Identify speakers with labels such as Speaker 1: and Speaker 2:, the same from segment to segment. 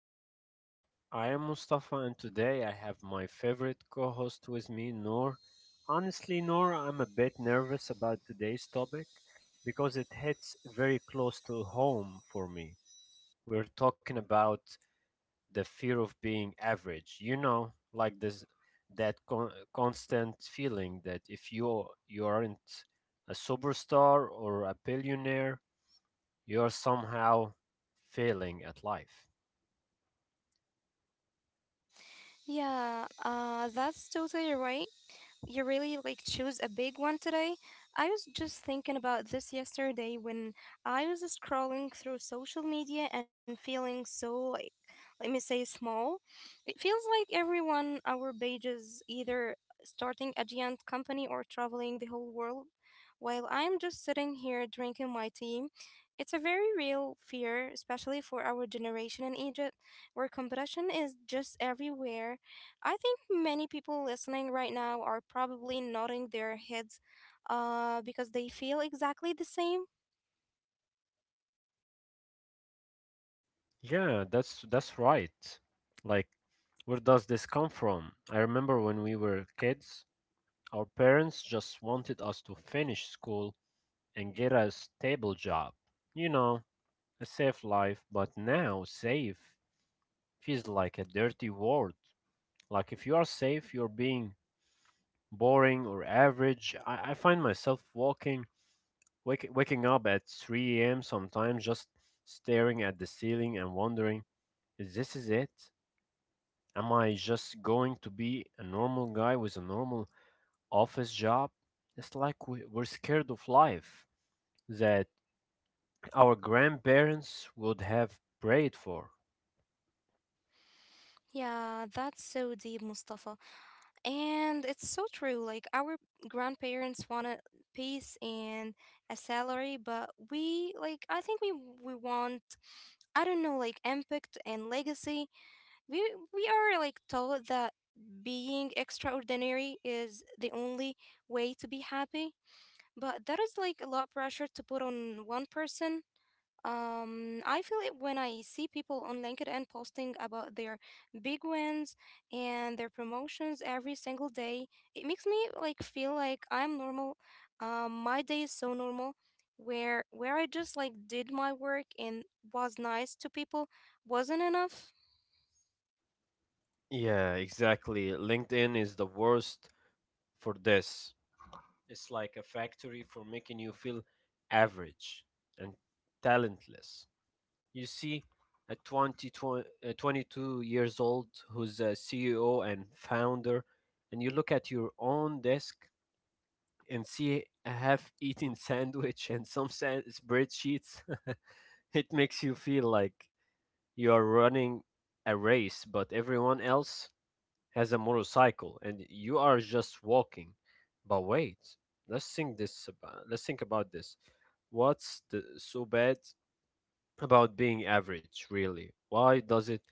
Speaker 1: to the show. I am Mustafa, and today I have my favorite co host with me, Noor. Honestly, Noor, I'm a bit nervous about today's topic because it hits very close to home for me. We're talking about the fear of being average, you know, like this that constant feeling that if you aren't a superstar or a billionaire, you are somehow failing at life.
Speaker 2: Yeah, that's totally right. You really like choose a big one today. I was just thinking about this yesterday when I was scrolling through social media and feeling so like, let me say small. It feels like everyone our page is either starting a giant company or traveling the whole world, while I'm just sitting here drinking my tea. It's a very real fear, especially for our generation in Egypt, where competition is just everywhere. I think many people listening right now are probably nodding their heads because they feel exactly the same.
Speaker 1: Yeah, that's right. Like, where does this come from? I remember when we were kids, our parents just wanted us to finish school and get a stable job. You know, a safe life, but now safe feels like a dirty word. Like if you are safe, you're being boring or average. I find myself waking up at 3 a.m. sometimes, just staring at the ceiling and wondering, is it? Am I just going to be a normal guy with a normal office job? It's like we're scared of life that our grandparents would have prayed for.
Speaker 2: Yeah, that's so deep, Mustafa. And it's so true. Like, our grandparents want a peace and a salary, but we, like, I think we want, I don't know, like, impact and legacy. We, we are, like, taught that being extraordinary is the only way to be happy. But that is like a lot of pressure to put on one person. I feel it when I see people on LinkedIn posting about their big wins and their promotions every single day. It makes me like feel like I'm normal. My day is so normal where I just like did my work and was nice to people wasn't enough.
Speaker 1: Yeah, exactly. LinkedIn is the worst for this. It's like a factory for making you feel average and talentless. You see, a a 22 years old who's a CEO and founder, and you look at your own desk and see a half-eaten sandwich and some spreadsheets. It makes you feel like you are running a race, but everyone else has a motorcycle and you are just walking. But wait, let's think about this. What's so bad about being average, really? Why does it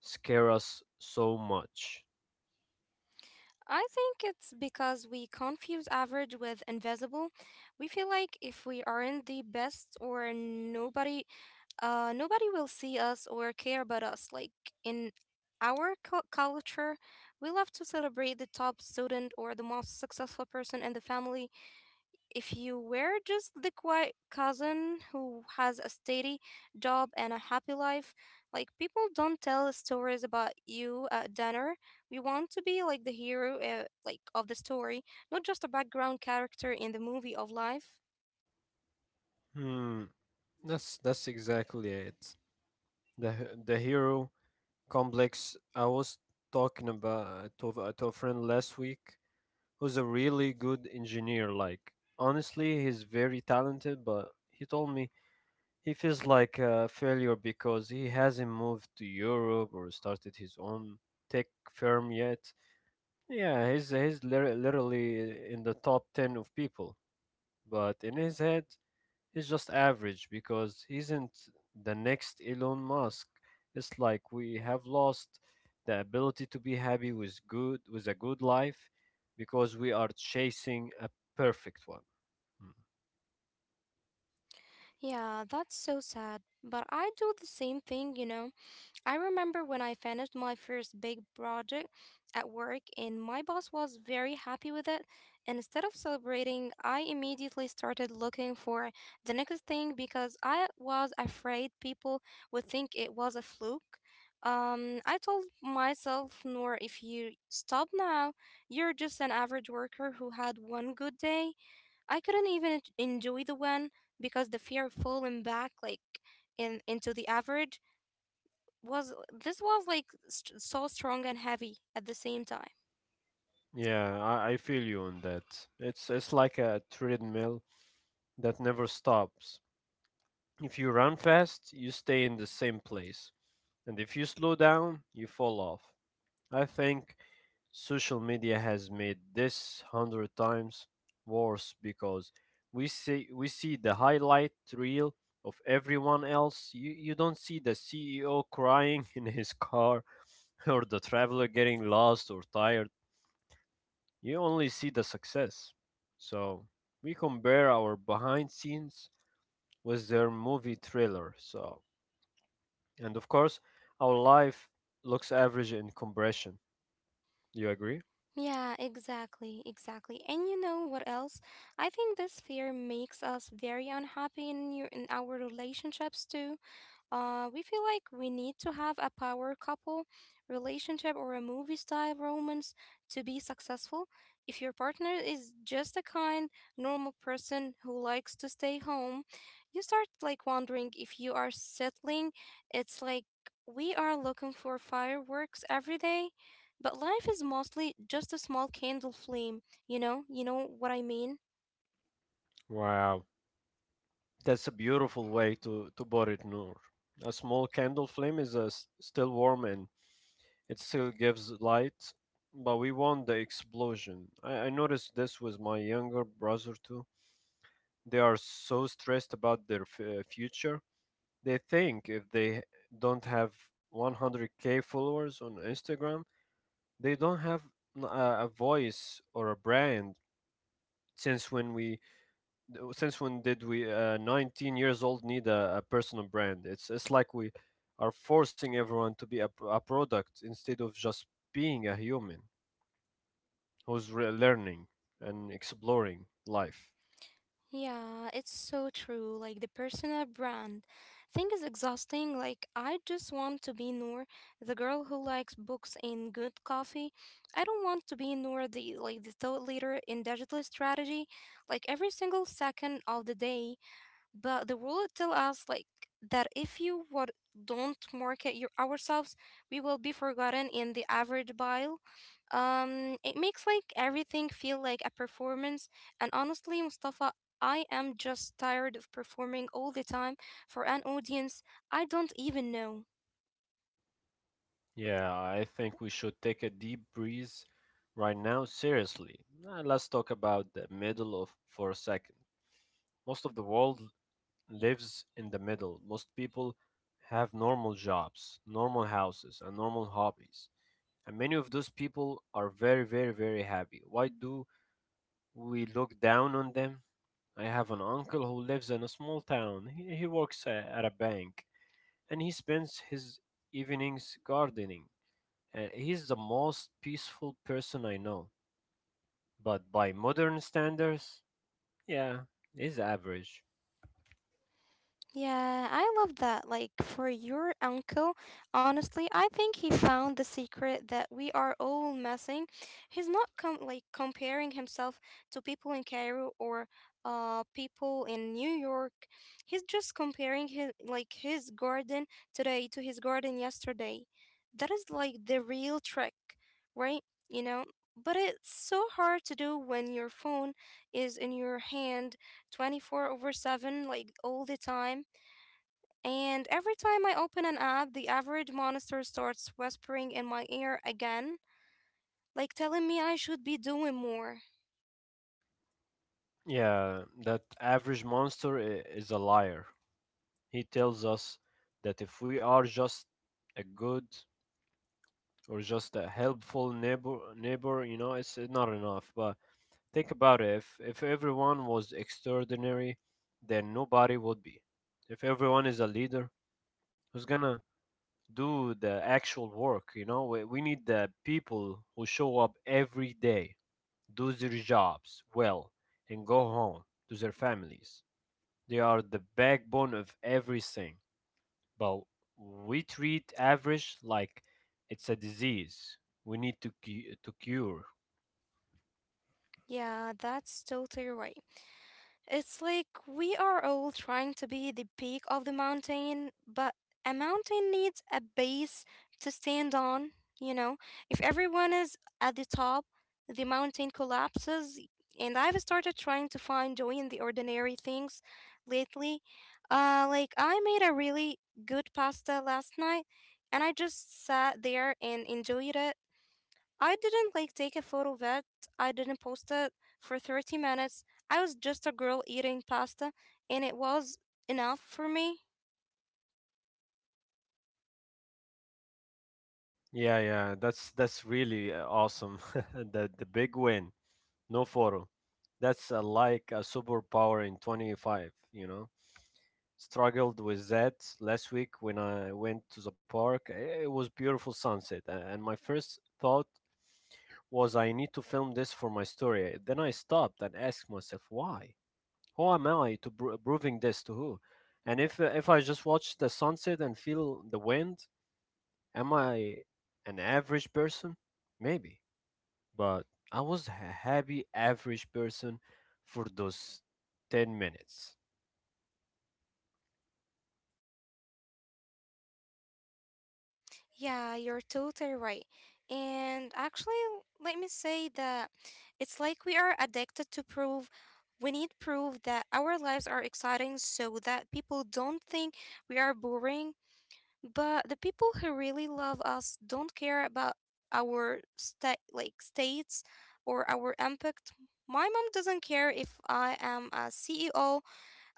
Speaker 1: scare us so much?
Speaker 2: I think it's because we confuse average with invisible. We feel like if we aren't the best or nobody nobody will see us or care about us. Like in our culture, we love to celebrate the top student or the most successful person in the family. If you were just the quiet cousin who has a steady job and a happy life, like people don't tell stories about you at dinner. We want to be like the hero, like of the story, not just a background character in the movie of life.
Speaker 1: Hmm, that's exactly it. The hero complex. I was talking to a friend last week who's a really good engineer. Like, honestly, he's very talented, but he told me he feels like a failure because he hasn't moved to Europe or started his own tech firm yet. Yeah, he's literally in the top 10 of people, but in his head, he's just average because he isn't the next Elon Musk. It's like we have lost the ability to be happy with a good life because we are chasing a perfect one. Mm.
Speaker 2: Yeah, that's so sad. But I do the same thing, you know. I remember when I finished my first big project at work and my boss was very happy with it. And instead of celebrating, I immediately started looking for the next thing because I was afraid people would think it was a fluke. I told myself, Nor, if you stop now, you're just an average worker who had one good day. I couldn't even enjoy the one because the fear of falling back, like, in into the average was this was like so strong and heavy at the same time.
Speaker 1: Yeah, I feel you on that. It's like a treadmill that never stops. If you run fast, you stay in the same place. And if you slow down, you fall off. I think social media has made this hundred times worse because we see the highlight reel of everyone else. You don't see the CEO crying in his car or the traveler getting lost or tired. You only see the success. So we compare our behind scenes with their movie trailer. So and of course our life looks average in comparison. You agree?
Speaker 2: Yeah, exactly, exactly. And you know what else? I think this fear makes us very unhappy in your in our relationships too. We feel like we need to have a power couple relationship or a movie style romance to be successful. If your partner is just a kind, normal person who likes to stay home, you start like wondering if you are settling. It's like we are looking for fireworks every day, but life is mostly just a small candle flame, you know? You know what I mean?
Speaker 1: Wow, that's a beautiful way to put it, Noor. A small candle flame is still warm and it still gives light, but we want the explosion. I noticed this with my younger brother too. They are so stressed about their future. They think if they don't have 100K followers on Instagram, they don't have a voice or a brand. Since when we since when did we 19 years old, need a personal brand? It's like we are forcing everyone to be a product instead of just being a human who's learning and exploring life.
Speaker 2: Yeah, it's so true. Like the personal brand thing is exhausting. Like I just want to be Noor, the girl who likes books and good coffee. I don't want to be Noor, the like the thought leader in digital strategy, like every single second of the day. But the world tell us like that if you what don't market your ourselves, we will be forgotten in the average pile. It makes like everything feel like a performance. And honestly, Mustafa, I am just tired of performing all the time for an audience I don't even know.
Speaker 1: Yeah, I think we should take a deep breeze right now, seriously. Let's talk about the middle of for a second. Most of the world lives in the middle. Most people have normal jobs, normal houses, and normal hobbies, and many of those people are very, very, very happy. Why do we look down on them? I have an uncle who lives in a small town. He works at a bank, and he spends his evenings gardening, and he's the most peaceful person I know. But by modern standards, yeah, he's average.
Speaker 2: Yeah, I love that. Like for your uncle, honestly, I think he found the secret that we are all missing. He's not com like comparing himself to people in Cairo or people in New York. He's just comparing his like his garden today to his garden yesterday. That is like the real trick, right? You know, but it's so hard to do when your phone is in your hand 24 over 7 like all the time, and every time I open an app, the average monster starts whispering in my ear again, like telling me I should be doing more.
Speaker 1: Yeah, that average monster is a liar. He tells us that if we are just a good or just a helpful neighbor, you know, it's not enough. But think about it, if everyone was extraordinary, then nobody would be. If everyone is a leader, who's gonna do the actual work? You know, we need the people who show up every day, do their jobs well, and go home to their families. They are the backbone of everything. But we treat average like it's a disease we need to to cure.
Speaker 2: Yeah, that's totally right. It's like we are all trying to be the peak of the mountain, but a mountain needs a base to stand on, you know? If everyone is at the top, the mountain collapses. And I've started trying to find joy in the ordinary things lately. Like, I made a really good pasta last night, and I just sat there and enjoyed it. I didn't like take a photo of it. I didn't post it for 30 minutes. I was just a girl eating pasta and it was enough for me.
Speaker 1: Yeah, yeah, that's really awesome. The big win, no photo. That's like a superpower in 25. You know, struggled with that last week when I went to the park. It was beautiful sunset, and my first thought was I need to film this for my story. Then I stopped and asked myself why. Who am I to proving this to who? And if I just watch the sunset and feel the wind, am I an average person? Maybe, but I was a happy average person for those 10 minutes.
Speaker 2: Yeah, you're totally right. And actually, let me say that it's like we are addicted to proof. We need proof that our lives are exciting so that people don't think we are boring. But the people who really love us don't care about our state like states or our impact. My mom doesn't care if I am a CEO.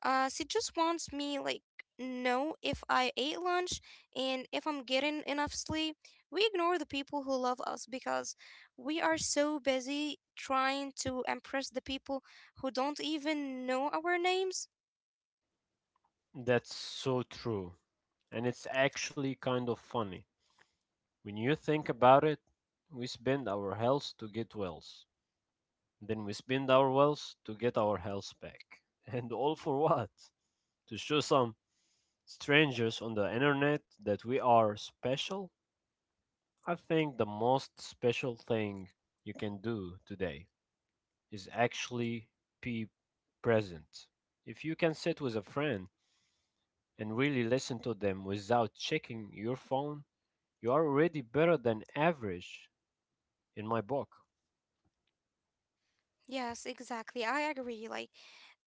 Speaker 2: She just wants me like know if I ate lunch and if I'm getting enough sleep. We ignore the people who love us because we are so busy trying to impress the people who don't even know our names.
Speaker 1: That's so true. And it's actually kind of funny. When you think about it, we spend our health to get wealth. Then we spend our wealth to get our health back. And all for what? To show some strangers on the internet that we are special. I think the most special thing you can do today is actually be present. If you can sit with a friend and really listen to them without checking your phone, you are already better than average in my book.
Speaker 2: Yes, exactly, I agree. Like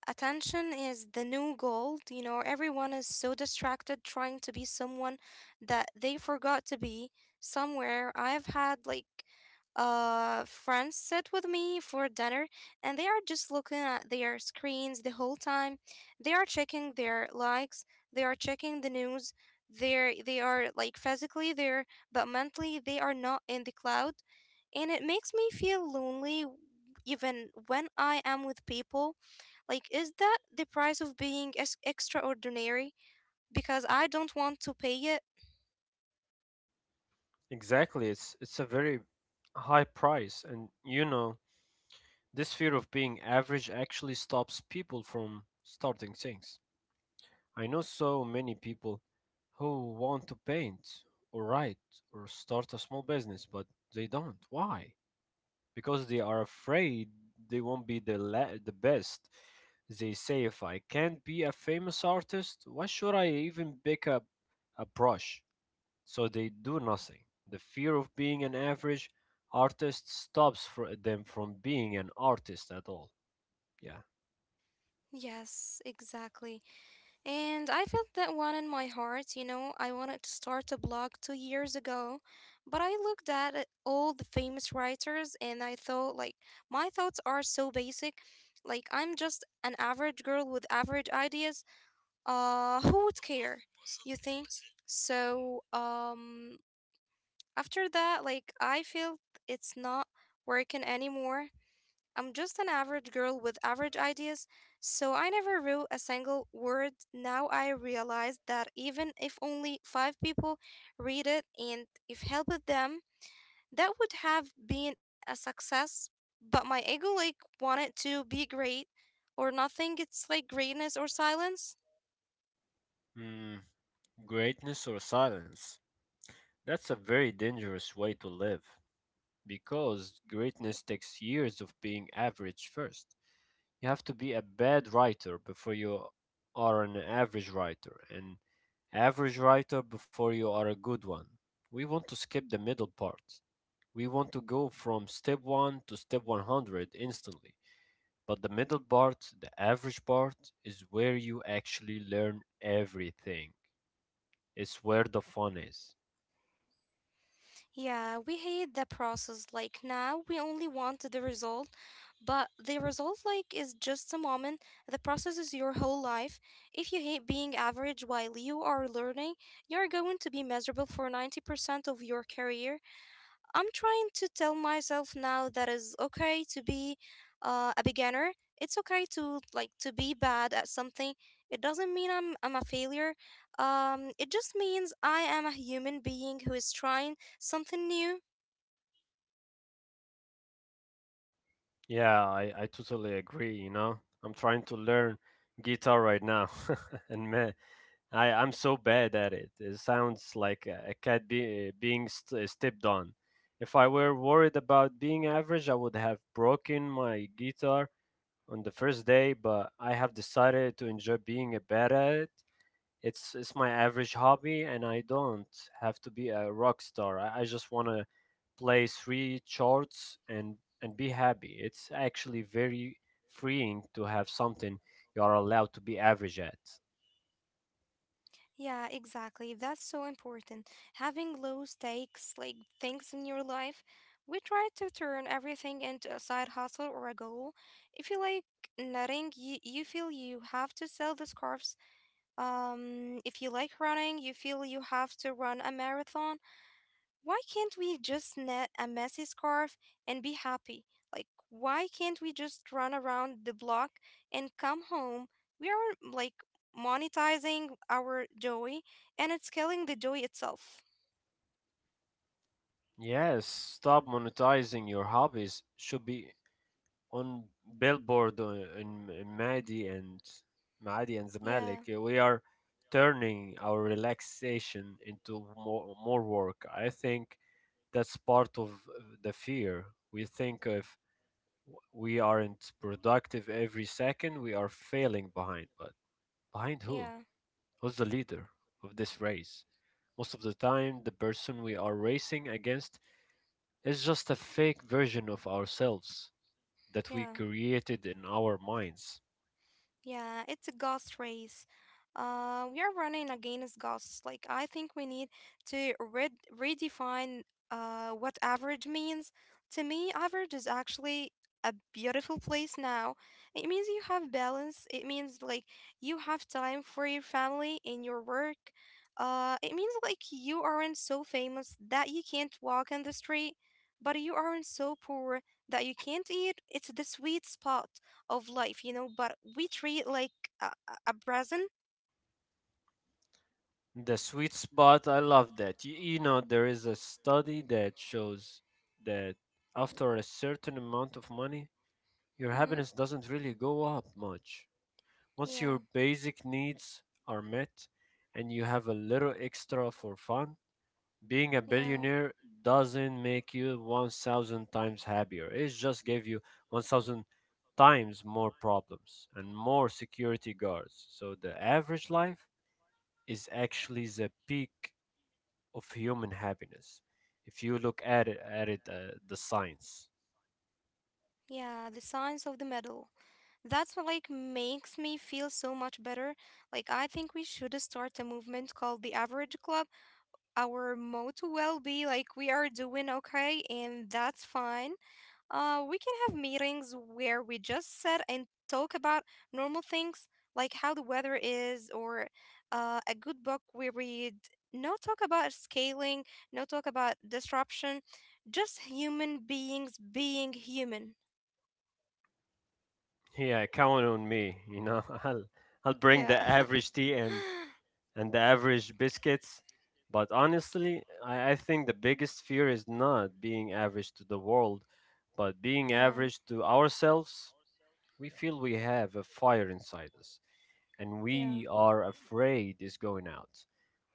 Speaker 2: attention is the new gold. You know, everyone is so distracted trying to be someone that they forgot to be somewhere. I've had like friends sit with me for dinner and they are just looking at their screens the whole time. They are checking their likes, they are checking the news. They are like physically there, but mentally they are not in the cloud. And it makes me feel lonely even when I am with people. Like, is that the price of being extraordinary? Because I don't want to pay it.
Speaker 1: Exactly, it's a very high price. And you know, this fear of being average actually stops people from starting things. I know so many people who want to paint or write or start a small business, but they don't. Why? Because they are afraid they won't be the best. They say if I can't be a famous artist, why should I even pick up a brush? So they do nothing. The fear of being an average artist stops for them from being an artist at all. Yeah.
Speaker 2: Yes, exactly. And I felt that one in my heart, you know. I wanted to start a blog 2 years ago, but I looked at all the famous writers and I thought, like, my thoughts are so basic. Like, I'm just an average girl with average ideas. Who would care? You think? So, after that, like, I feel it's not working anymore. I'm just an average girl with average ideas, so I never wrote a single word. Now I realize that even if only five people read it and if helped them, that would have been a success. But my ego, like, wanted to be great or nothing. It's like greatness or silence.
Speaker 1: Mm, greatness or silence? That's a very dangerous way to live because greatness takes years of being average first. You have to be a bad writer before you are an average writer, and average writer before you are a good one. We want to skip the middle part. We want to go from step 1 to step 100 instantly. But the middle part, the average part, is where you actually learn everything. It's where the fun is.
Speaker 2: Yeah, we hate the process. Like now, we only want the result, but the result like is just a moment. The process is your whole life. If you hate being average while you are learning, you're going to be miserable for 90% of your career. I'm trying to tell myself now that it's okay to be a beginner. It's okay to like to be bad at something. It doesn't mean I'm a failure. It just means I am a human being who is trying something new.
Speaker 1: Yeah, I totally agree, you know. I'm trying to learn guitar right now and man, I'm so bad at it. It sounds like a cat being stepped on. If I were worried about being average, I would have broken my guitar on the first day, but I have decided to enjoy being a bad at it. It's my average hobby, and I don't have to be a rock star. I just want to play three chords and be happy. It's actually very freeing to have something you are allowed to be average at.
Speaker 2: Yeah, exactly. That's so important. Having low stakes like things in your life. We try to turn everything into a side hustle or a goal. If you like knitting, you feel you have to sell the scarves. If you like running, you feel you have to run a marathon. Why can't we just knit a messy scarf and be happy? Like, why can't we just run around the block and come home? We are like monetizing our joy and it's killing the joy itself.
Speaker 1: Yes, stop monetizing your hobbies should be on billboard in Madi and
Speaker 2: Yeah,
Speaker 1: Zamalek. We are turning our relaxation into more work. I think that's part of the fear. We think if we aren't productive every second, we are failing behind. But behind who?
Speaker 2: yeah,
Speaker 1: Who's the leader of this race? Most of the time, the person we are racing against is just a fake version of ourselves that we
Speaker 2: yeah.
Speaker 1: created in our minds.
Speaker 2: Yeah, it's a ghost race. We are running against ghosts. Like, I think we need to redefine what average means. To me, average is actually a beautiful place now. It means you have balance. It means, like, you have time for your family and your work. It means, like, you aren't so famous that you can't walk on the street, but you aren't so poor that you can't eat. It's the sweet spot of life, you know, but we treat like a, a a present.
Speaker 1: The sweet spot, I love that. You know, there is a study that shows that after a certain amount of money, your
Speaker 2: Mm-hmm.
Speaker 1: happiness doesn't really go up much. Once your
Speaker 2: Yeah,
Speaker 1: basic needs are met and you have a little extra for fun, being a
Speaker 2: yeah,
Speaker 1: billionaire doesn't make you 1,000 times happier. It just gave you 1,000 times more problems and more security guards. So the average life is actually the peak of human happiness if you look at it the science.
Speaker 2: yeah. The signs of the medal. That's what like makes me feel so much better. Like I think we should start a movement called the Average Club. Our motto will be like we are doing okay and that's fine. We can have meetings where we just sit and talk about normal things like how the weather is, or a good book we read. No talk about scaling, no talk about disruption, just human beings being human.
Speaker 1: Yeah, count on me, you know. I'll bring
Speaker 2: Yeah.
Speaker 1: the average tea and the average biscuits. But honestly, I think the biggest fear is not being average to the world, but being
Speaker 2: Yeah,
Speaker 1: average to ourselves. We feel we have a fire inside us, and
Speaker 2: yeah,
Speaker 1: we are afraid is going out.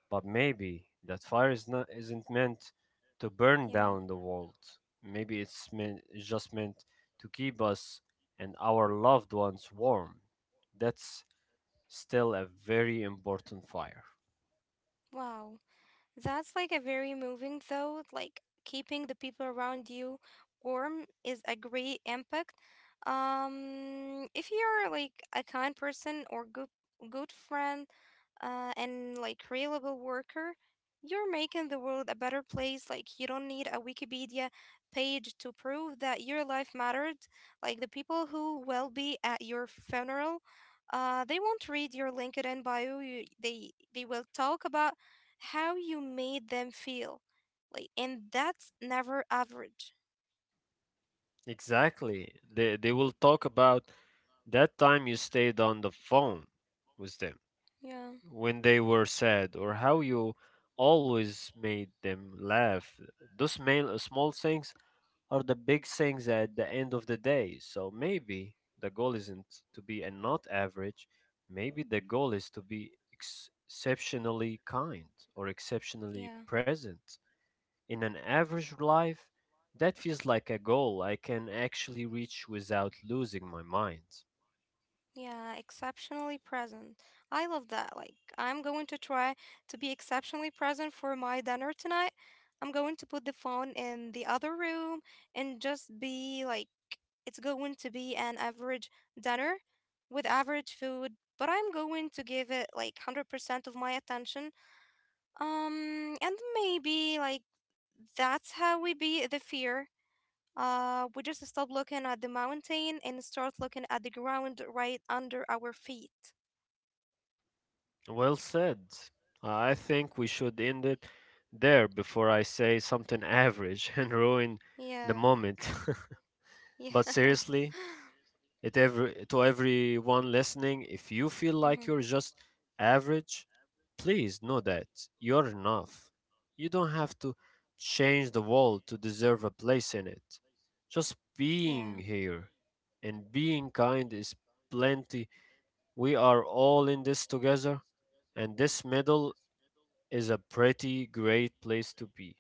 Speaker 1: But maybe that fire is not isn't meant to burn
Speaker 2: yeah.
Speaker 1: down the world. Maybe it's just meant to keep us and our loved ones warm. That's still a very important fire.
Speaker 2: Wow. That's like a very moving though, like keeping the people around you warm is a great impact. If you're like a kind person or good friend, and like reliable worker, you're making the world a better place. Like you don't need a Wikipedia page to prove that your life mattered. Like the people who will be at your funeral, they won't read your LinkedIn bio. You, they will talk about how you made them feel. Like, and that's never average.
Speaker 1: Exactly. They will talk about that time you stayed on the phone with them
Speaker 2: Yeah,
Speaker 1: when they were sad or how you always made them laugh. Those small things are the big things at the end of the day. So maybe the goal isn't to be a not average. Maybe the goal is to be exceptionally kind or exceptionally
Speaker 2: yeah.
Speaker 1: present. In an average life, that feels like a goal I can actually reach without losing my mind.
Speaker 2: Yeah, exceptionally present. I love that. Like, I'm going to try to be exceptionally present for my dinner tonight. I'm going to put the phone in the other room and just be like, it's going to be an average dinner with average food, but I'm going to give it like 100% of my attention. And maybe like that's how we beat the fear. We just stop looking at the mountain and start looking at the ground right under our feet.
Speaker 1: Well said. I think we should end it there before I say something average and ruin the
Speaker 2: Yeah,
Speaker 1: moment.
Speaker 2: yeah.
Speaker 1: But seriously, It every to everyone listening, if you feel like
Speaker 2: Mm-hmm.
Speaker 1: you're just average, please know that you're enough. You don't have to change the world to deserve a place in it. Just
Speaker 2: Yeah,
Speaker 1: being here and being kind is plenty. We are all in this together, and this middle is a pretty great place to be.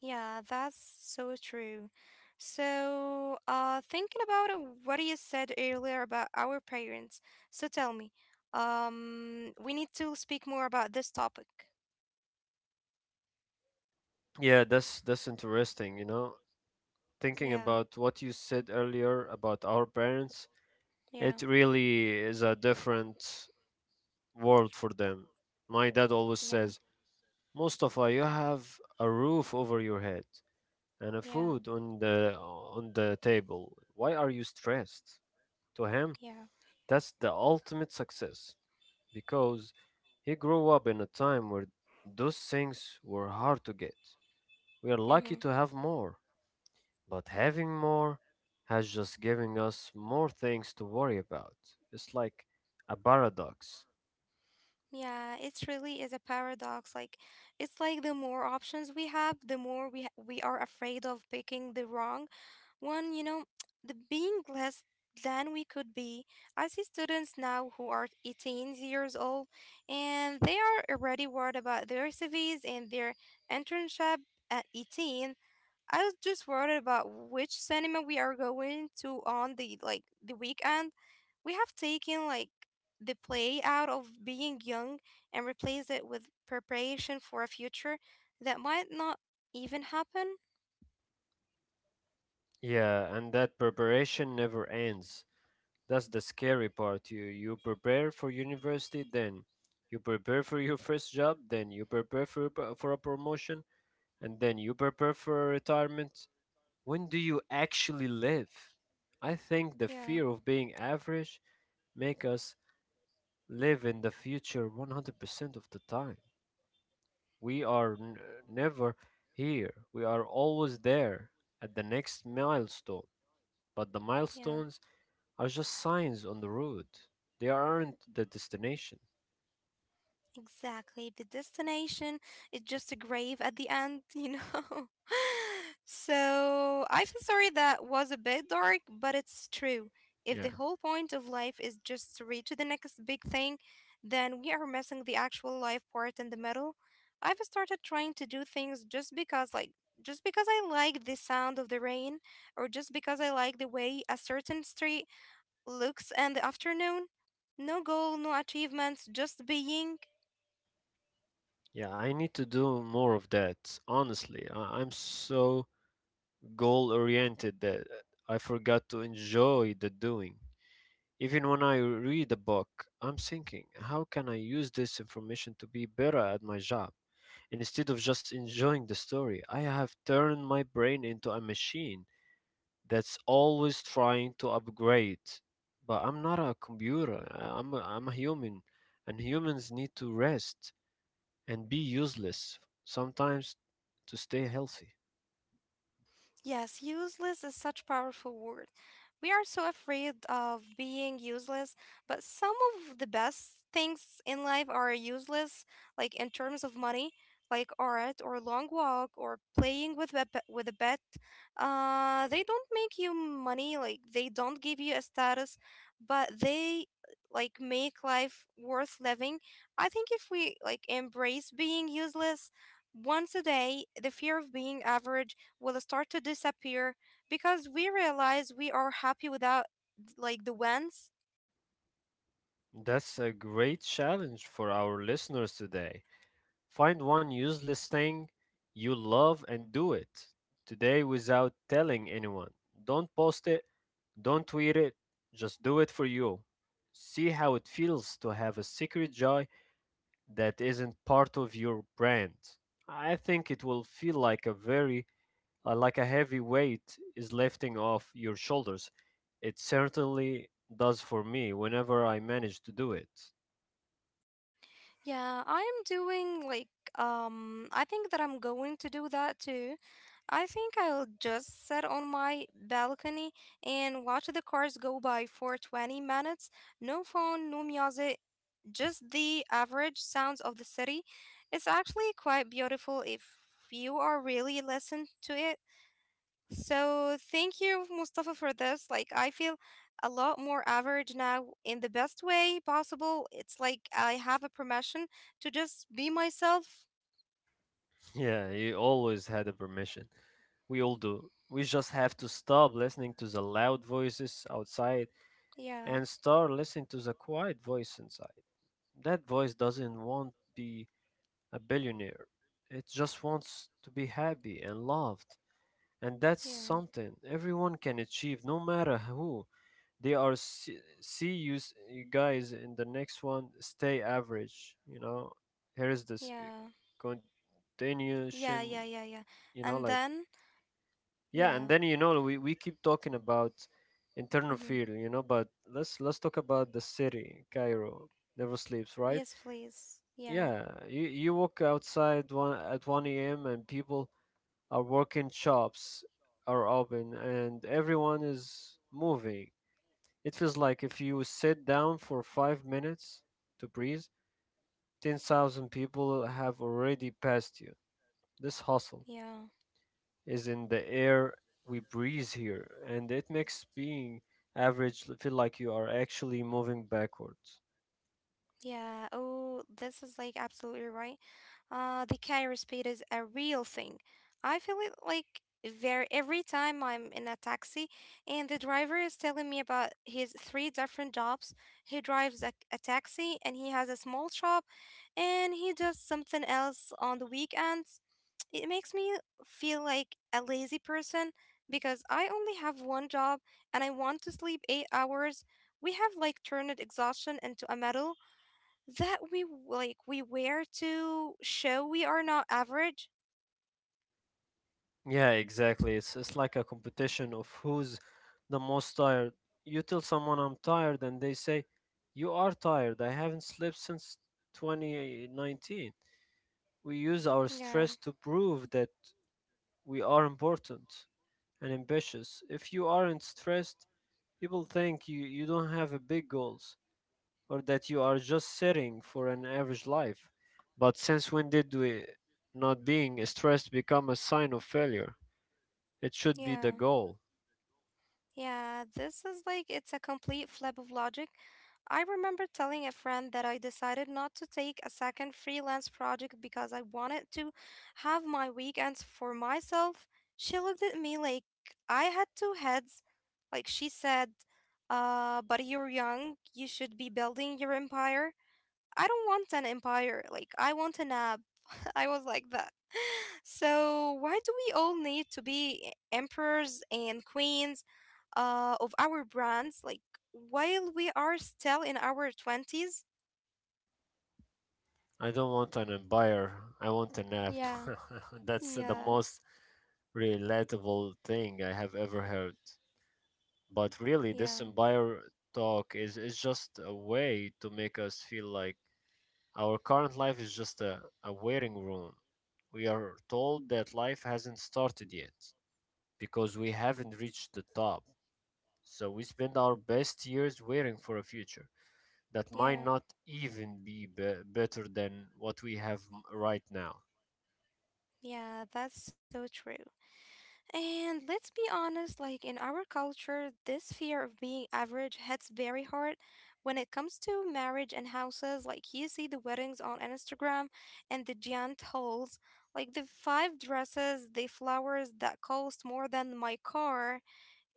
Speaker 2: yeah, that's so true. So, thinking about what you said earlier about our parents, so tell me, we need to speak more about this topic.
Speaker 1: Yeah, that's interesting, you know.
Speaker 2: Yeah,
Speaker 1: Thinking about what you said earlier about our parents,
Speaker 2: yeah,
Speaker 1: it really is a different world for them. My dad always
Speaker 2: yeah,
Speaker 1: says, Mustafa, you have a roof over your head and a
Speaker 2: yeah,
Speaker 1: food on the table. Why are you stressed? To him,
Speaker 2: yeah.
Speaker 1: that's the ultimate success because he grew up in a time where those things were hard to get. We are lucky
Speaker 2: Mm-hmm.
Speaker 1: to have more, but having more has just given us more things to worry about. It's like a paradox.
Speaker 2: Yeah, it really is a paradox. Like, it's like the more options we have, the more we are afraid of picking the wrong one, you know, the being less than we could be. I see students now who are 18 years old and they are already worried about their CVs and their internship at 18. I was just worried about which cinema we are going to on the like the weekend. We have taken like the play out of being young and replaced it with preparation for a future that might not even happen.
Speaker 1: Yeah, and that preparation never ends. That's the scary part. You prepare for university, then you prepare for your first job, then you prepare for for a promotion, and then you prepare for retirement. When do you actually live? I think the
Speaker 2: Yeah,
Speaker 1: fear of being average make us live in the future 100% of the time. We are n- never here. We are always there at the next milestone. But the
Speaker 2: yeah.
Speaker 1: milestones are just signs on the road. They aren't the destination.
Speaker 2: Exactly. The destination is just a grave at the end, you know? So I feel sorry that was a bit dark, but it's true. If
Speaker 1: Yeah.
Speaker 2: the whole point of life is just to reach the next big thing, then we are missing the actual life part in the middle. I've started trying to do things just because, like, just because I like the sound of the rain, or just because I like the way a certain street looks in the afternoon. No goal, no achievements, just being.
Speaker 1: Yeah, I need to do more of that. Honestly, I'm so goal oriented that I forgot to enjoy the doing. Even when I read a book, I'm thinking, how can I use this information to be better at my job? Instead of just enjoying the story, I have turned my brain into a machine that's always trying to upgrade. But I'm not a computer. I'm a human, and humans need to rest and be useless sometimes to stay healthy.
Speaker 2: Yes, useless is such powerful word. We are so afraid of being useless, but some of the best things in life are useless, like in terms of money, like art or long walk or playing with a pet. They don't make you money, like they don't give you a status, but they like make life worth living. I think if we like embrace being useless once a day, the fear of being average will start to disappear because we realize we are happy without like the wins.
Speaker 1: That's a great challenge for our listeners today. Find one useless thing you love and do it today without telling anyone. Don't post it, don't tweet it, just do it for you. See how it feels to have a secret joy that isn't part of your brand. I think it will feel like a very like a heavy weight is lifting off your shoulders. It certainly does for me whenever I manage to do it.
Speaker 2: Yeah, I am doing like I think that I'm going to do that too. I think I'll just sit on my balcony and watch the cars go by for 20 minutes. No phone, no music, just the average sounds of the city. It's actually quite beautiful if you are really listen to it. So thank you, Mustafa, for this. Like, I feel a lot more average now in the best way possible. It's like I have a permission to just be myself.
Speaker 1: Yeah, you always had a permission. We all do. We just have to stop listening to the loud voices outside
Speaker 2: Yeah,
Speaker 1: and start listening to the quiet voice inside. That voice doesn't want to be a billionaire. It just wants to be happy and loved. And that's
Speaker 2: yeah,
Speaker 1: something everyone can achieve no matter who they are. See you you guys in the next one. Stay average. You know, here is this
Speaker 2: yeah, yeah,
Speaker 1: continuation.
Speaker 2: yeah, yeah, yeah.
Speaker 1: You know,
Speaker 2: And
Speaker 1: like,
Speaker 2: then,
Speaker 1: yeah.
Speaker 2: yeah,
Speaker 1: And then, you know, we keep talking about internal
Speaker 2: mm-hmm.
Speaker 1: fear, you know, but let's talk about the city, Cairo. Never sleeps, right?
Speaker 2: Yes, please. Yeah,
Speaker 1: Yeah, you walk outside one at 1 a.m. and people our working shops are open and everyone is moving. It feels like if you sit down for 5 minutes to breathe, 10,000 people have already passed you. This hustle
Speaker 2: yeah,
Speaker 1: is in the air we breathe here, and it makes being average feel like you are actually moving backwards.
Speaker 2: yeah. Oh, this is like absolutely right. The Cairo speed is a real thing. I feel it like very every time I'm in a taxi and the driver is telling me about his three different jobs. He drives a taxi and he has a small shop and he does something else on the weekends. It makes me feel like a lazy person because I only have one job and I want to sleep 8 hours. We have like turned exhaustion into a medal that like we wear to show we are not average.
Speaker 1: Yeah, exactly. It's like a competition of who's the most tired. You tell someone I'm tired and they say, "You are tired. I haven't slept since 2019." We use our
Speaker 2: Yeah,
Speaker 1: stress to prove that we are important and ambitious. If you aren't stressed, people think you don't have a big goals or that you are just sitting for an average life. But since when did we not being stressed become a sign of failure? It should be the
Speaker 2: yeah,
Speaker 1: goal.
Speaker 2: yeah. This is like it's a complete flip of logic. I remember telling a friend that I decided not to take a second freelance project because I wanted to have my weekends for myself. She looked at me like I had two heads. Like she said, but you're young, you should be building your empire. I don't want an empire. Like, I want an app. I was like, that So, why do we all need to be emperors and queens of our brands, like while we are still in our 20s?
Speaker 1: I don't want an empire. I want a nap.
Speaker 2: Yeah,
Speaker 1: That's the
Speaker 2: yeah,
Speaker 1: most relatable thing I have ever heard. But really, this
Speaker 2: yeah,
Speaker 1: empire talk is just a way to make us feel like our current life is just a waiting room. We are told that life hasn't started yet because we haven't reached the top. So we spend our best years waiting for a future that might not
Speaker 2: yeah,
Speaker 1: even be better than what we have right now.
Speaker 2: yeah, that's so true. And let's be honest, like in our culture, this fear of being average hits very hard. When it comes to marriage and houses, like you see the weddings on Instagram and the giant halls, like the five dresses, the flowers that cost more than my car.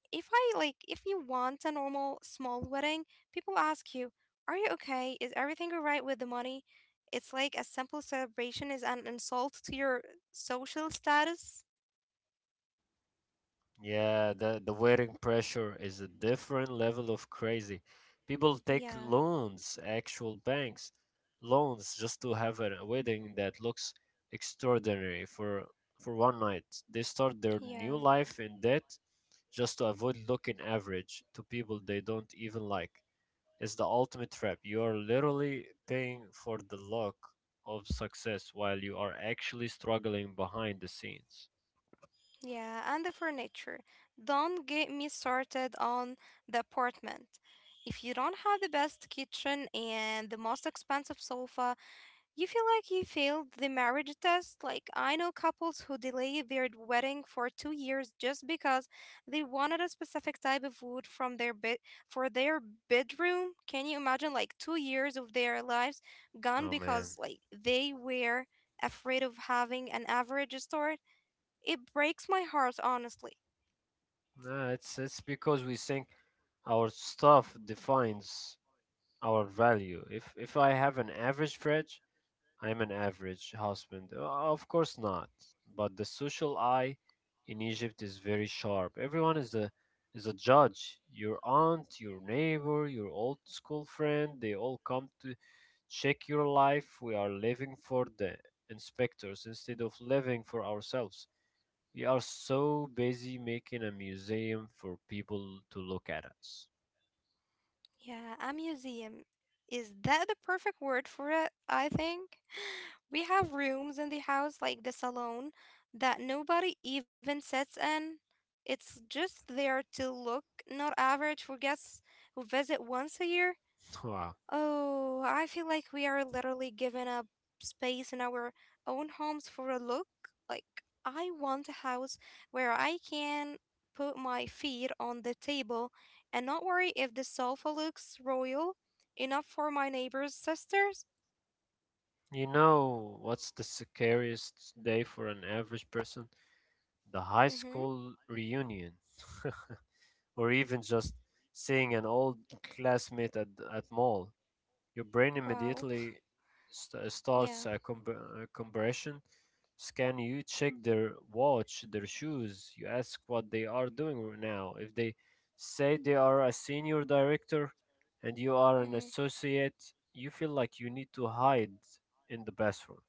Speaker 2: If I like, if you want a normal small wedding, people ask you, are you okay? Is everything all right with the money? It's like a simple celebration is an insult to your social status.
Speaker 1: Yeah, the wearing pressure is a different level of crazy. People take
Speaker 2: Yeah.
Speaker 1: loans, actual banks loans, just to have a wedding that looks extraordinary for one night. They start their new
Speaker 2: Yeah,
Speaker 1: life in debt just to avoid looking average to people they don't even like. It's the ultimate trap. You are literally paying for the look of success while you are actually struggling behind the scenes.
Speaker 2: yeah, and the furniture. Don't get me started on the apartment. If you don't have the best kitchen and the most expensive sofa, you feel like you failed the marriage test. Like, I know couples who delay their wedding for 2 years just because they wanted a specific type of wood from their bed for their bedroom. Can you imagine, like, 2 years of their lives gone
Speaker 1: Oh man.
Speaker 2: because, like, they were afraid of having an average store? It breaks my heart, honestly.
Speaker 1: No, it's because we think our stuff defines our value. If I have an average fridge, I'm an average husband. Of course not. But the social eye in Egypt is very sharp. Everyone is a judge. Your aunt, your neighbor, your old school friend, they all come to check your life. We are living for the inspectors instead of living for ourselves. We are so busy making a museum for people to look at us.
Speaker 2: Yeah, a museum. Is that the perfect word for it? I think. We have rooms in the house like the salon that nobody even sits in. It's just there to look not average for guests who visit once a year.
Speaker 1: Wow.
Speaker 2: Oh, I feel like we are literally giving up space in our own homes for a look. Like, I want a house where I can put my feet on the table and not worry if the sofa looks royal enough for my neighbor's sisters.
Speaker 1: You know what's the scariest day for an average person? The high
Speaker 2: Mm-hmm.
Speaker 1: school reunion, or even just seeing an old classmate at mall, your brain
Speaker 2: Wow.
Speaker 1: immediately st- starts
Speaker 2: Yeah.
Speaker 1: a, com- a comparison scan. You check their watch, their shoes. You ask what they are doing right now. If they say they are a senior director and you are an
Speaker 2: Mm-hmm.
Speaker 1: associate, you feel like you need to hide in the bathroom.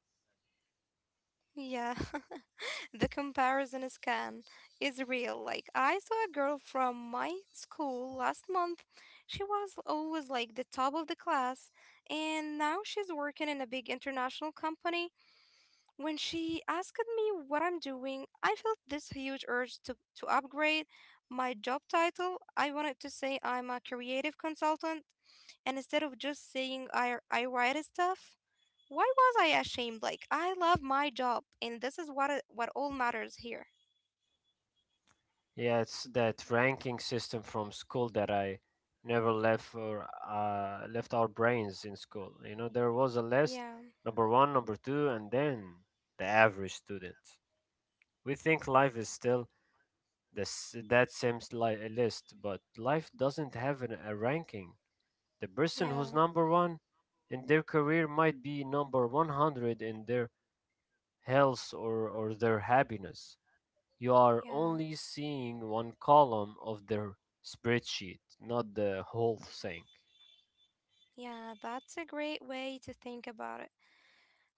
Speaker 2: Yeah. The comparison is can is real. Like I saw a girl from my school last month. She was always like the top of the class, and now she's working in a big international company. When she asked me what I'm doing, I felt this huge urge to upgrade my job title. I wanted to say I'm a creative consultant, and instead of just saying I write stuff. Why was I ashamed? Like I love my job, and this is what it, what all matters here.
Speaker 1: Yeah, it's that ranking system from school that I never left for left our brains in school. You know, there was a list,
Speaker 2: Yeah,
Speaker 1: number one, number two, and then the average student. We think life is still this. That same list, but life doesn't have a ranking. The person who's
Speaker 2: yeah,
Speaker 1: number one in their career might be number 100 in their health or their happiness. You are
Speaker 2: yeah,
Speaker 1: only seeing one column of their spreadsheet, not the whole thing.
Speaker 2: yeah. That's a great way to think about it.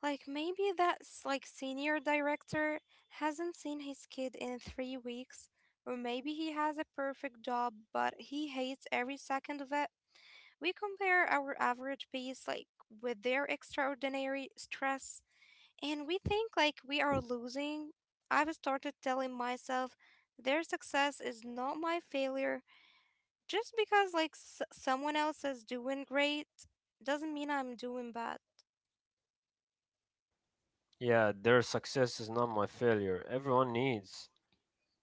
Speaker 2: Like maybe that's like senior director hasn't seen his kid in 3 weeks, or maybe he has a perfect job but he hates every second of it. We compare our average piece like with their extraordinary stress, and we think like we are losing. I've started telling myself their success is not my failure. Just because like someone else is doing great doesn't mean I'm doing bad.
Speaker 1: Yeah, their success is not my failure. Everyone needs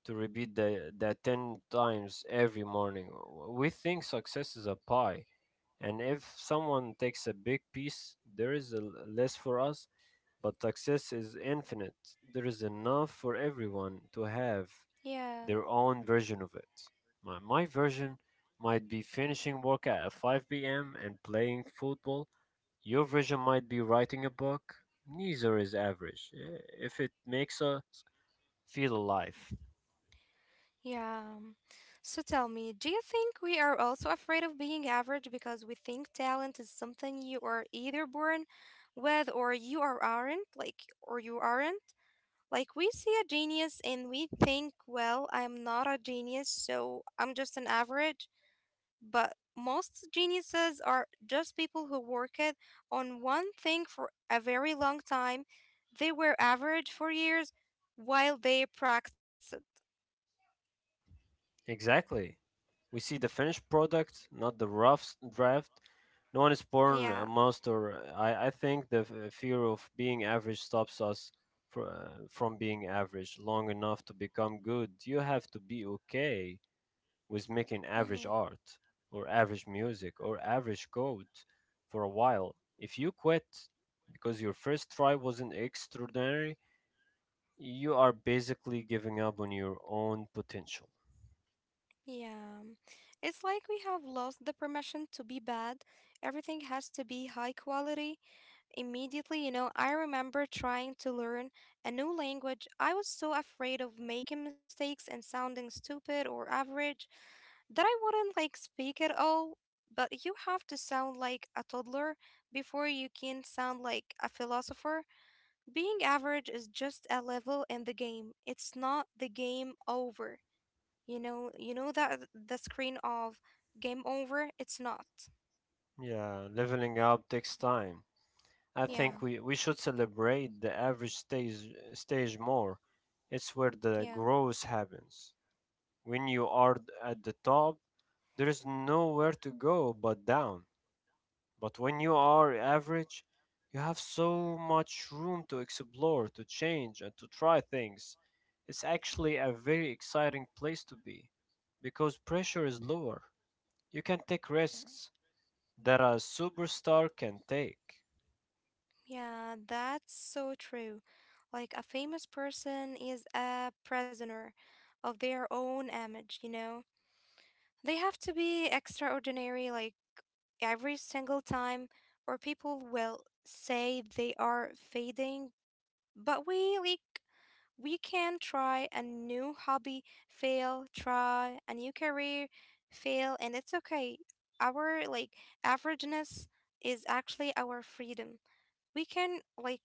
Speaker 1: to repeat that 10 times every morning. We think success is a pie, and if someone takes a big piece, there is less for us, but success is infinite. There is enough for everyone to have
Speaker 2: Yeah.
Speaker 1: their own version of it. My version might be finishing work at 5 p.m. and playing football. Your version might be writing a book. Neither is average if it makes us feel alive.
Speaker 2: Yeah. So tell me, do you think we are also afraid of being average because we think talent is something you are either born with or you are aren't, like or you aren't? Like we see a genius and we think, well, I'm not a genius, so I'm just an average. But most geniuses are just people who worked on one thing for a very long time. They were average for years while they practiced.
Speaker 1: Exactly. We see the finished product, not the rough draft. No one is born a
Speaker 2: Yeah.
Speaker 1: monster. I think the fear of being average stops us from being average long enough to become good. You have to be okay. was making average
Speaker 2: Hmm.
Speaker 1: art or average music or average code for a while. If you quit because your first try wasn't extraordinary, you are basically giving up on your own potential.
Speaker 2: Yeah. It's like we have lost the permission to be bad. Everything has to be high quality. Immediately, you know, I remember trying to learn a new language. I was so afraid of making mistakes and sounding stupid or average, that I wouldn't like speak at all, but you have to sound like a toddler before you can sound like a philosopher. Being average is just a level in the game. It's not the game over. You know that the screen of game over, it's not.
Speaker 1: Yeah, leveling up takes time. I
Speaker 2: Yeah.
Speaker 1: think we should celebrate the average stage more. It's where the
Speaker 2: Yeah.
Speaker 1: growth happens. When you are at the top, there is nowhere to go but down. But when you are average, you have so much room to explore, to change, and to try things. It's actually a very exciting place to be because pressure is lower. You can take risks that a superstar can take.
Speaker 2: Yeah, that's so true. Like a famous person is a prisoner of their own image, you know? They have to be extraordinary, like every single time, or people will say they are fading. But we like we can try a new hobby, fail, try a new career, fail, and it's okay. Our like averageness is actually our freedom. We can like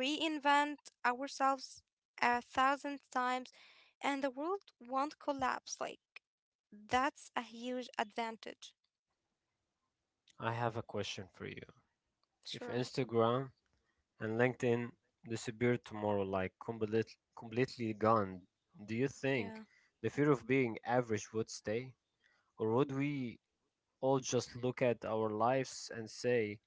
Speaker 2: reinvent ourselves a thousand times and the world won't collapse like that's a huge advantage.
Speaker 1: I have a question for you. If
Speaker 2: Sure.
Speaker 1: Instagram and LinkedIn disappear tomorrow, like completely gone, do you think
Speaker 2: Yeah.
Speaker 1: the fear of being average would stay? Or would we all just look at our lives and say,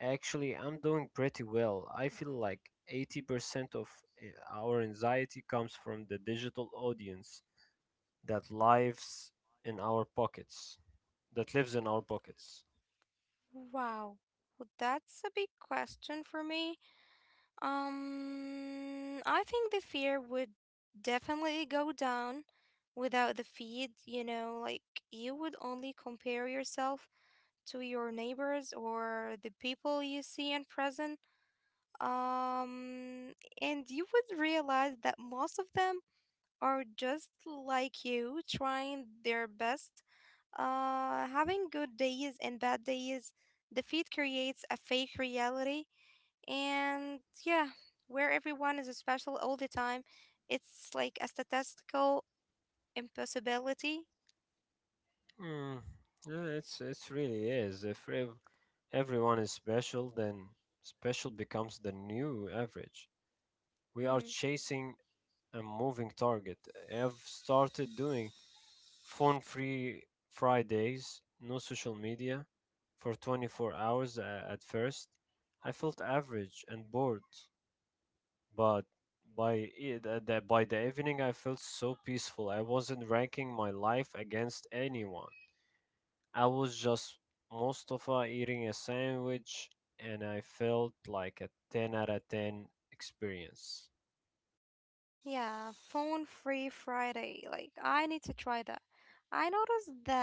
Speaker 1: actually, I'm doing pretty well. I feel like 80% of our anxiety comes from the digital audience that lives in our pockets, that lives in our pockets.
Speaker 2: Wow. Well, that's a big question for me. I think the fear would definitely go down without the feed, you know, like you would only compare yourself to your neighbors or the people you see in prison. Um, and you would realize that most of them are just like you, trying their best having good days and bad days, defeat creates a fake reality. And yeah, where everyone is special all the time, it's like a statistical impossibility.
Speaker 1: Mm, yeah, it's really is. If ev- everyone is special, then special becomes the new average. We are
Speaker 2: Mhm.
Speaker 1: chasing a moving target. I've started doing phone free Fridays, no social media for 24 hours at first. I felt average and bored, but by the evening I felt so peaceful. I wasn't ranking my life against anyone. I was just Mustafa eating a sandwich and I felt like a 10 out of 10 experience.
Speaker 2: Yeah, phone free Friday. Like, I need to try that. I noticed that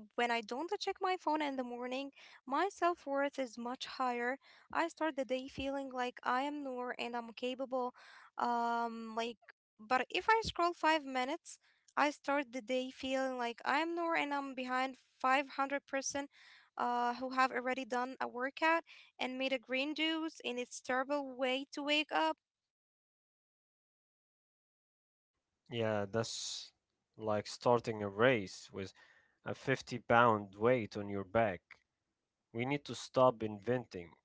Speaker 2: when I don't check my phone in the morning, my self worth is much higher. I start the day feeling like I am Noor and I'm capable. Um, like, but if I scroll 5 minutes, I start the day feeling like I'm Noor and I'm behind 500 person who have already done a workout and made a green juice, and it's terrible way to wake up.
Speaker 1: Yeah, that's like starting a race with a 50 pound weight on your back. We need to stop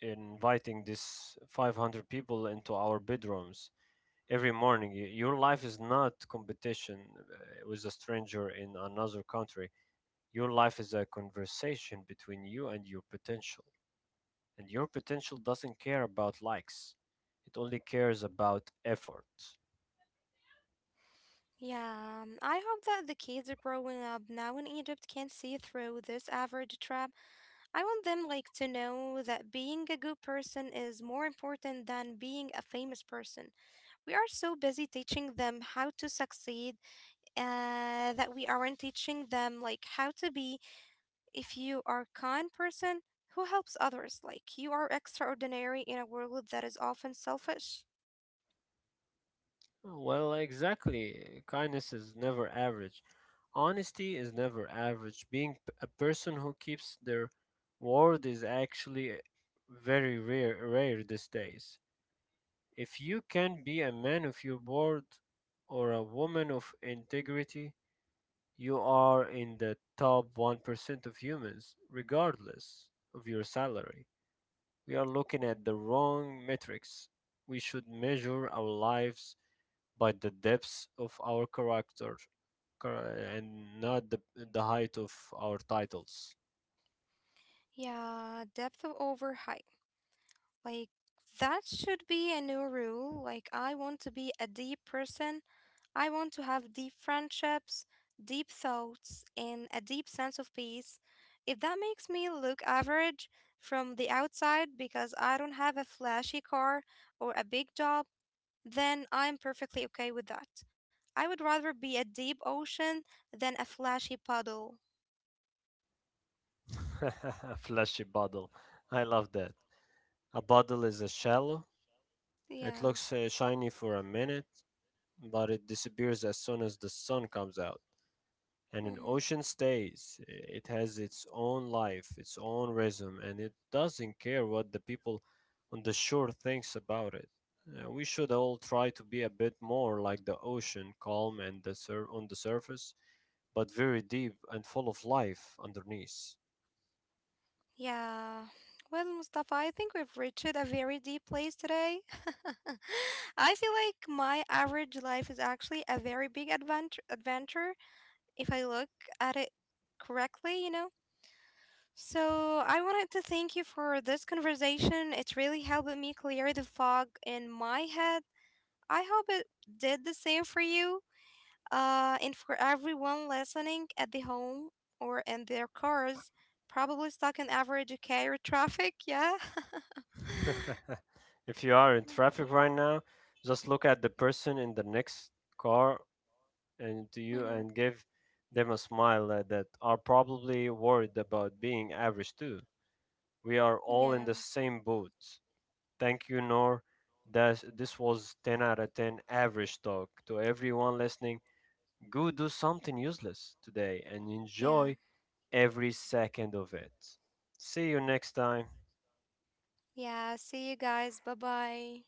Speaker 1: inviting these 500 people into our bedrooms every morning. Your life is not competition with a stranger in another country. Your life is a conversation between you and your potential. And your potential doesn't care about likes, it only cares about effort.
Speaker 2: Yeah, I hope that the kids growing up now in Egypt can see through this average trap. I want them like to know that being a good person is more important than being a famous person. We are so busy teaching them how to succeed that we aren't teaching them like how to be if you are a kind person who helps others. Like you are extraordinary in a world that is often selfish.
Speaker 1: Well, exactly. Kindness is never average. Honesty is never average. Being a person who keeps their word is actually very rare these days. If you can be a man of your word or a woman of integrity, you are in the top 1% of humans, regardless of your salary. We are looking at the wrong metrics. We should measure our lives by the depths of our character char- and not the height of our titles.
Speaker 2: Yeah, depth over height. Like, that should be a new rule. Like, I want to be a deep person. I want to have deep friendships, deep thoughts, and a deep sense of peace. If that makes me look average from the outside because I don't have a flashy car or a big job, then I'm perfectly okay with that. I would rather be a deep ocean than a flashy puddle.
Speaker 1: Flashy bottle. I love that. A bottle is a shallow. It
Speaker 2: Yeah.
Speaker 1: looks shiny for a minute, but it disappears as soon as the sun comes out. And
Speaker 2: Mhm.
Speaker 1: an ocean stays. It has its own life, its own rhythm, and it doesn't care what the people on the shore thinks about it. We should all try to be a bit more like the ocean, calm and the on the surface, but very deep and full of life underneath.
Speaker 2: Yeah. Well, Mustafa, I think we've reached a very deep place today. I feel like my average life is actually a very big adventure if I look at it correctly, you know? So I wanted to thank you for this conversation. It's really helped me clear the fog in my head. I hope it did the same for you. And for everyone listening at the home or in their cars, probably stuck in average Cairo traffic, yeah.
Speaker 1: If you are in traffic right now, just look at the person in the next car and to you
Speaker 2: Mhm.
Speaker 1: and give them a smile that are probably worried about being average too. We are all in the
Speaker 2: Yeah.
Speaker 1: same boat. Thank you, Nor. This was 10 out of 10 average talk. To everyone listening, go do something useless today and
Speaker 2: Yeah.
Speaker 1: enjoy every second of it. See you next time.
Speaker 2: Yeah. See you guys. Bye bye.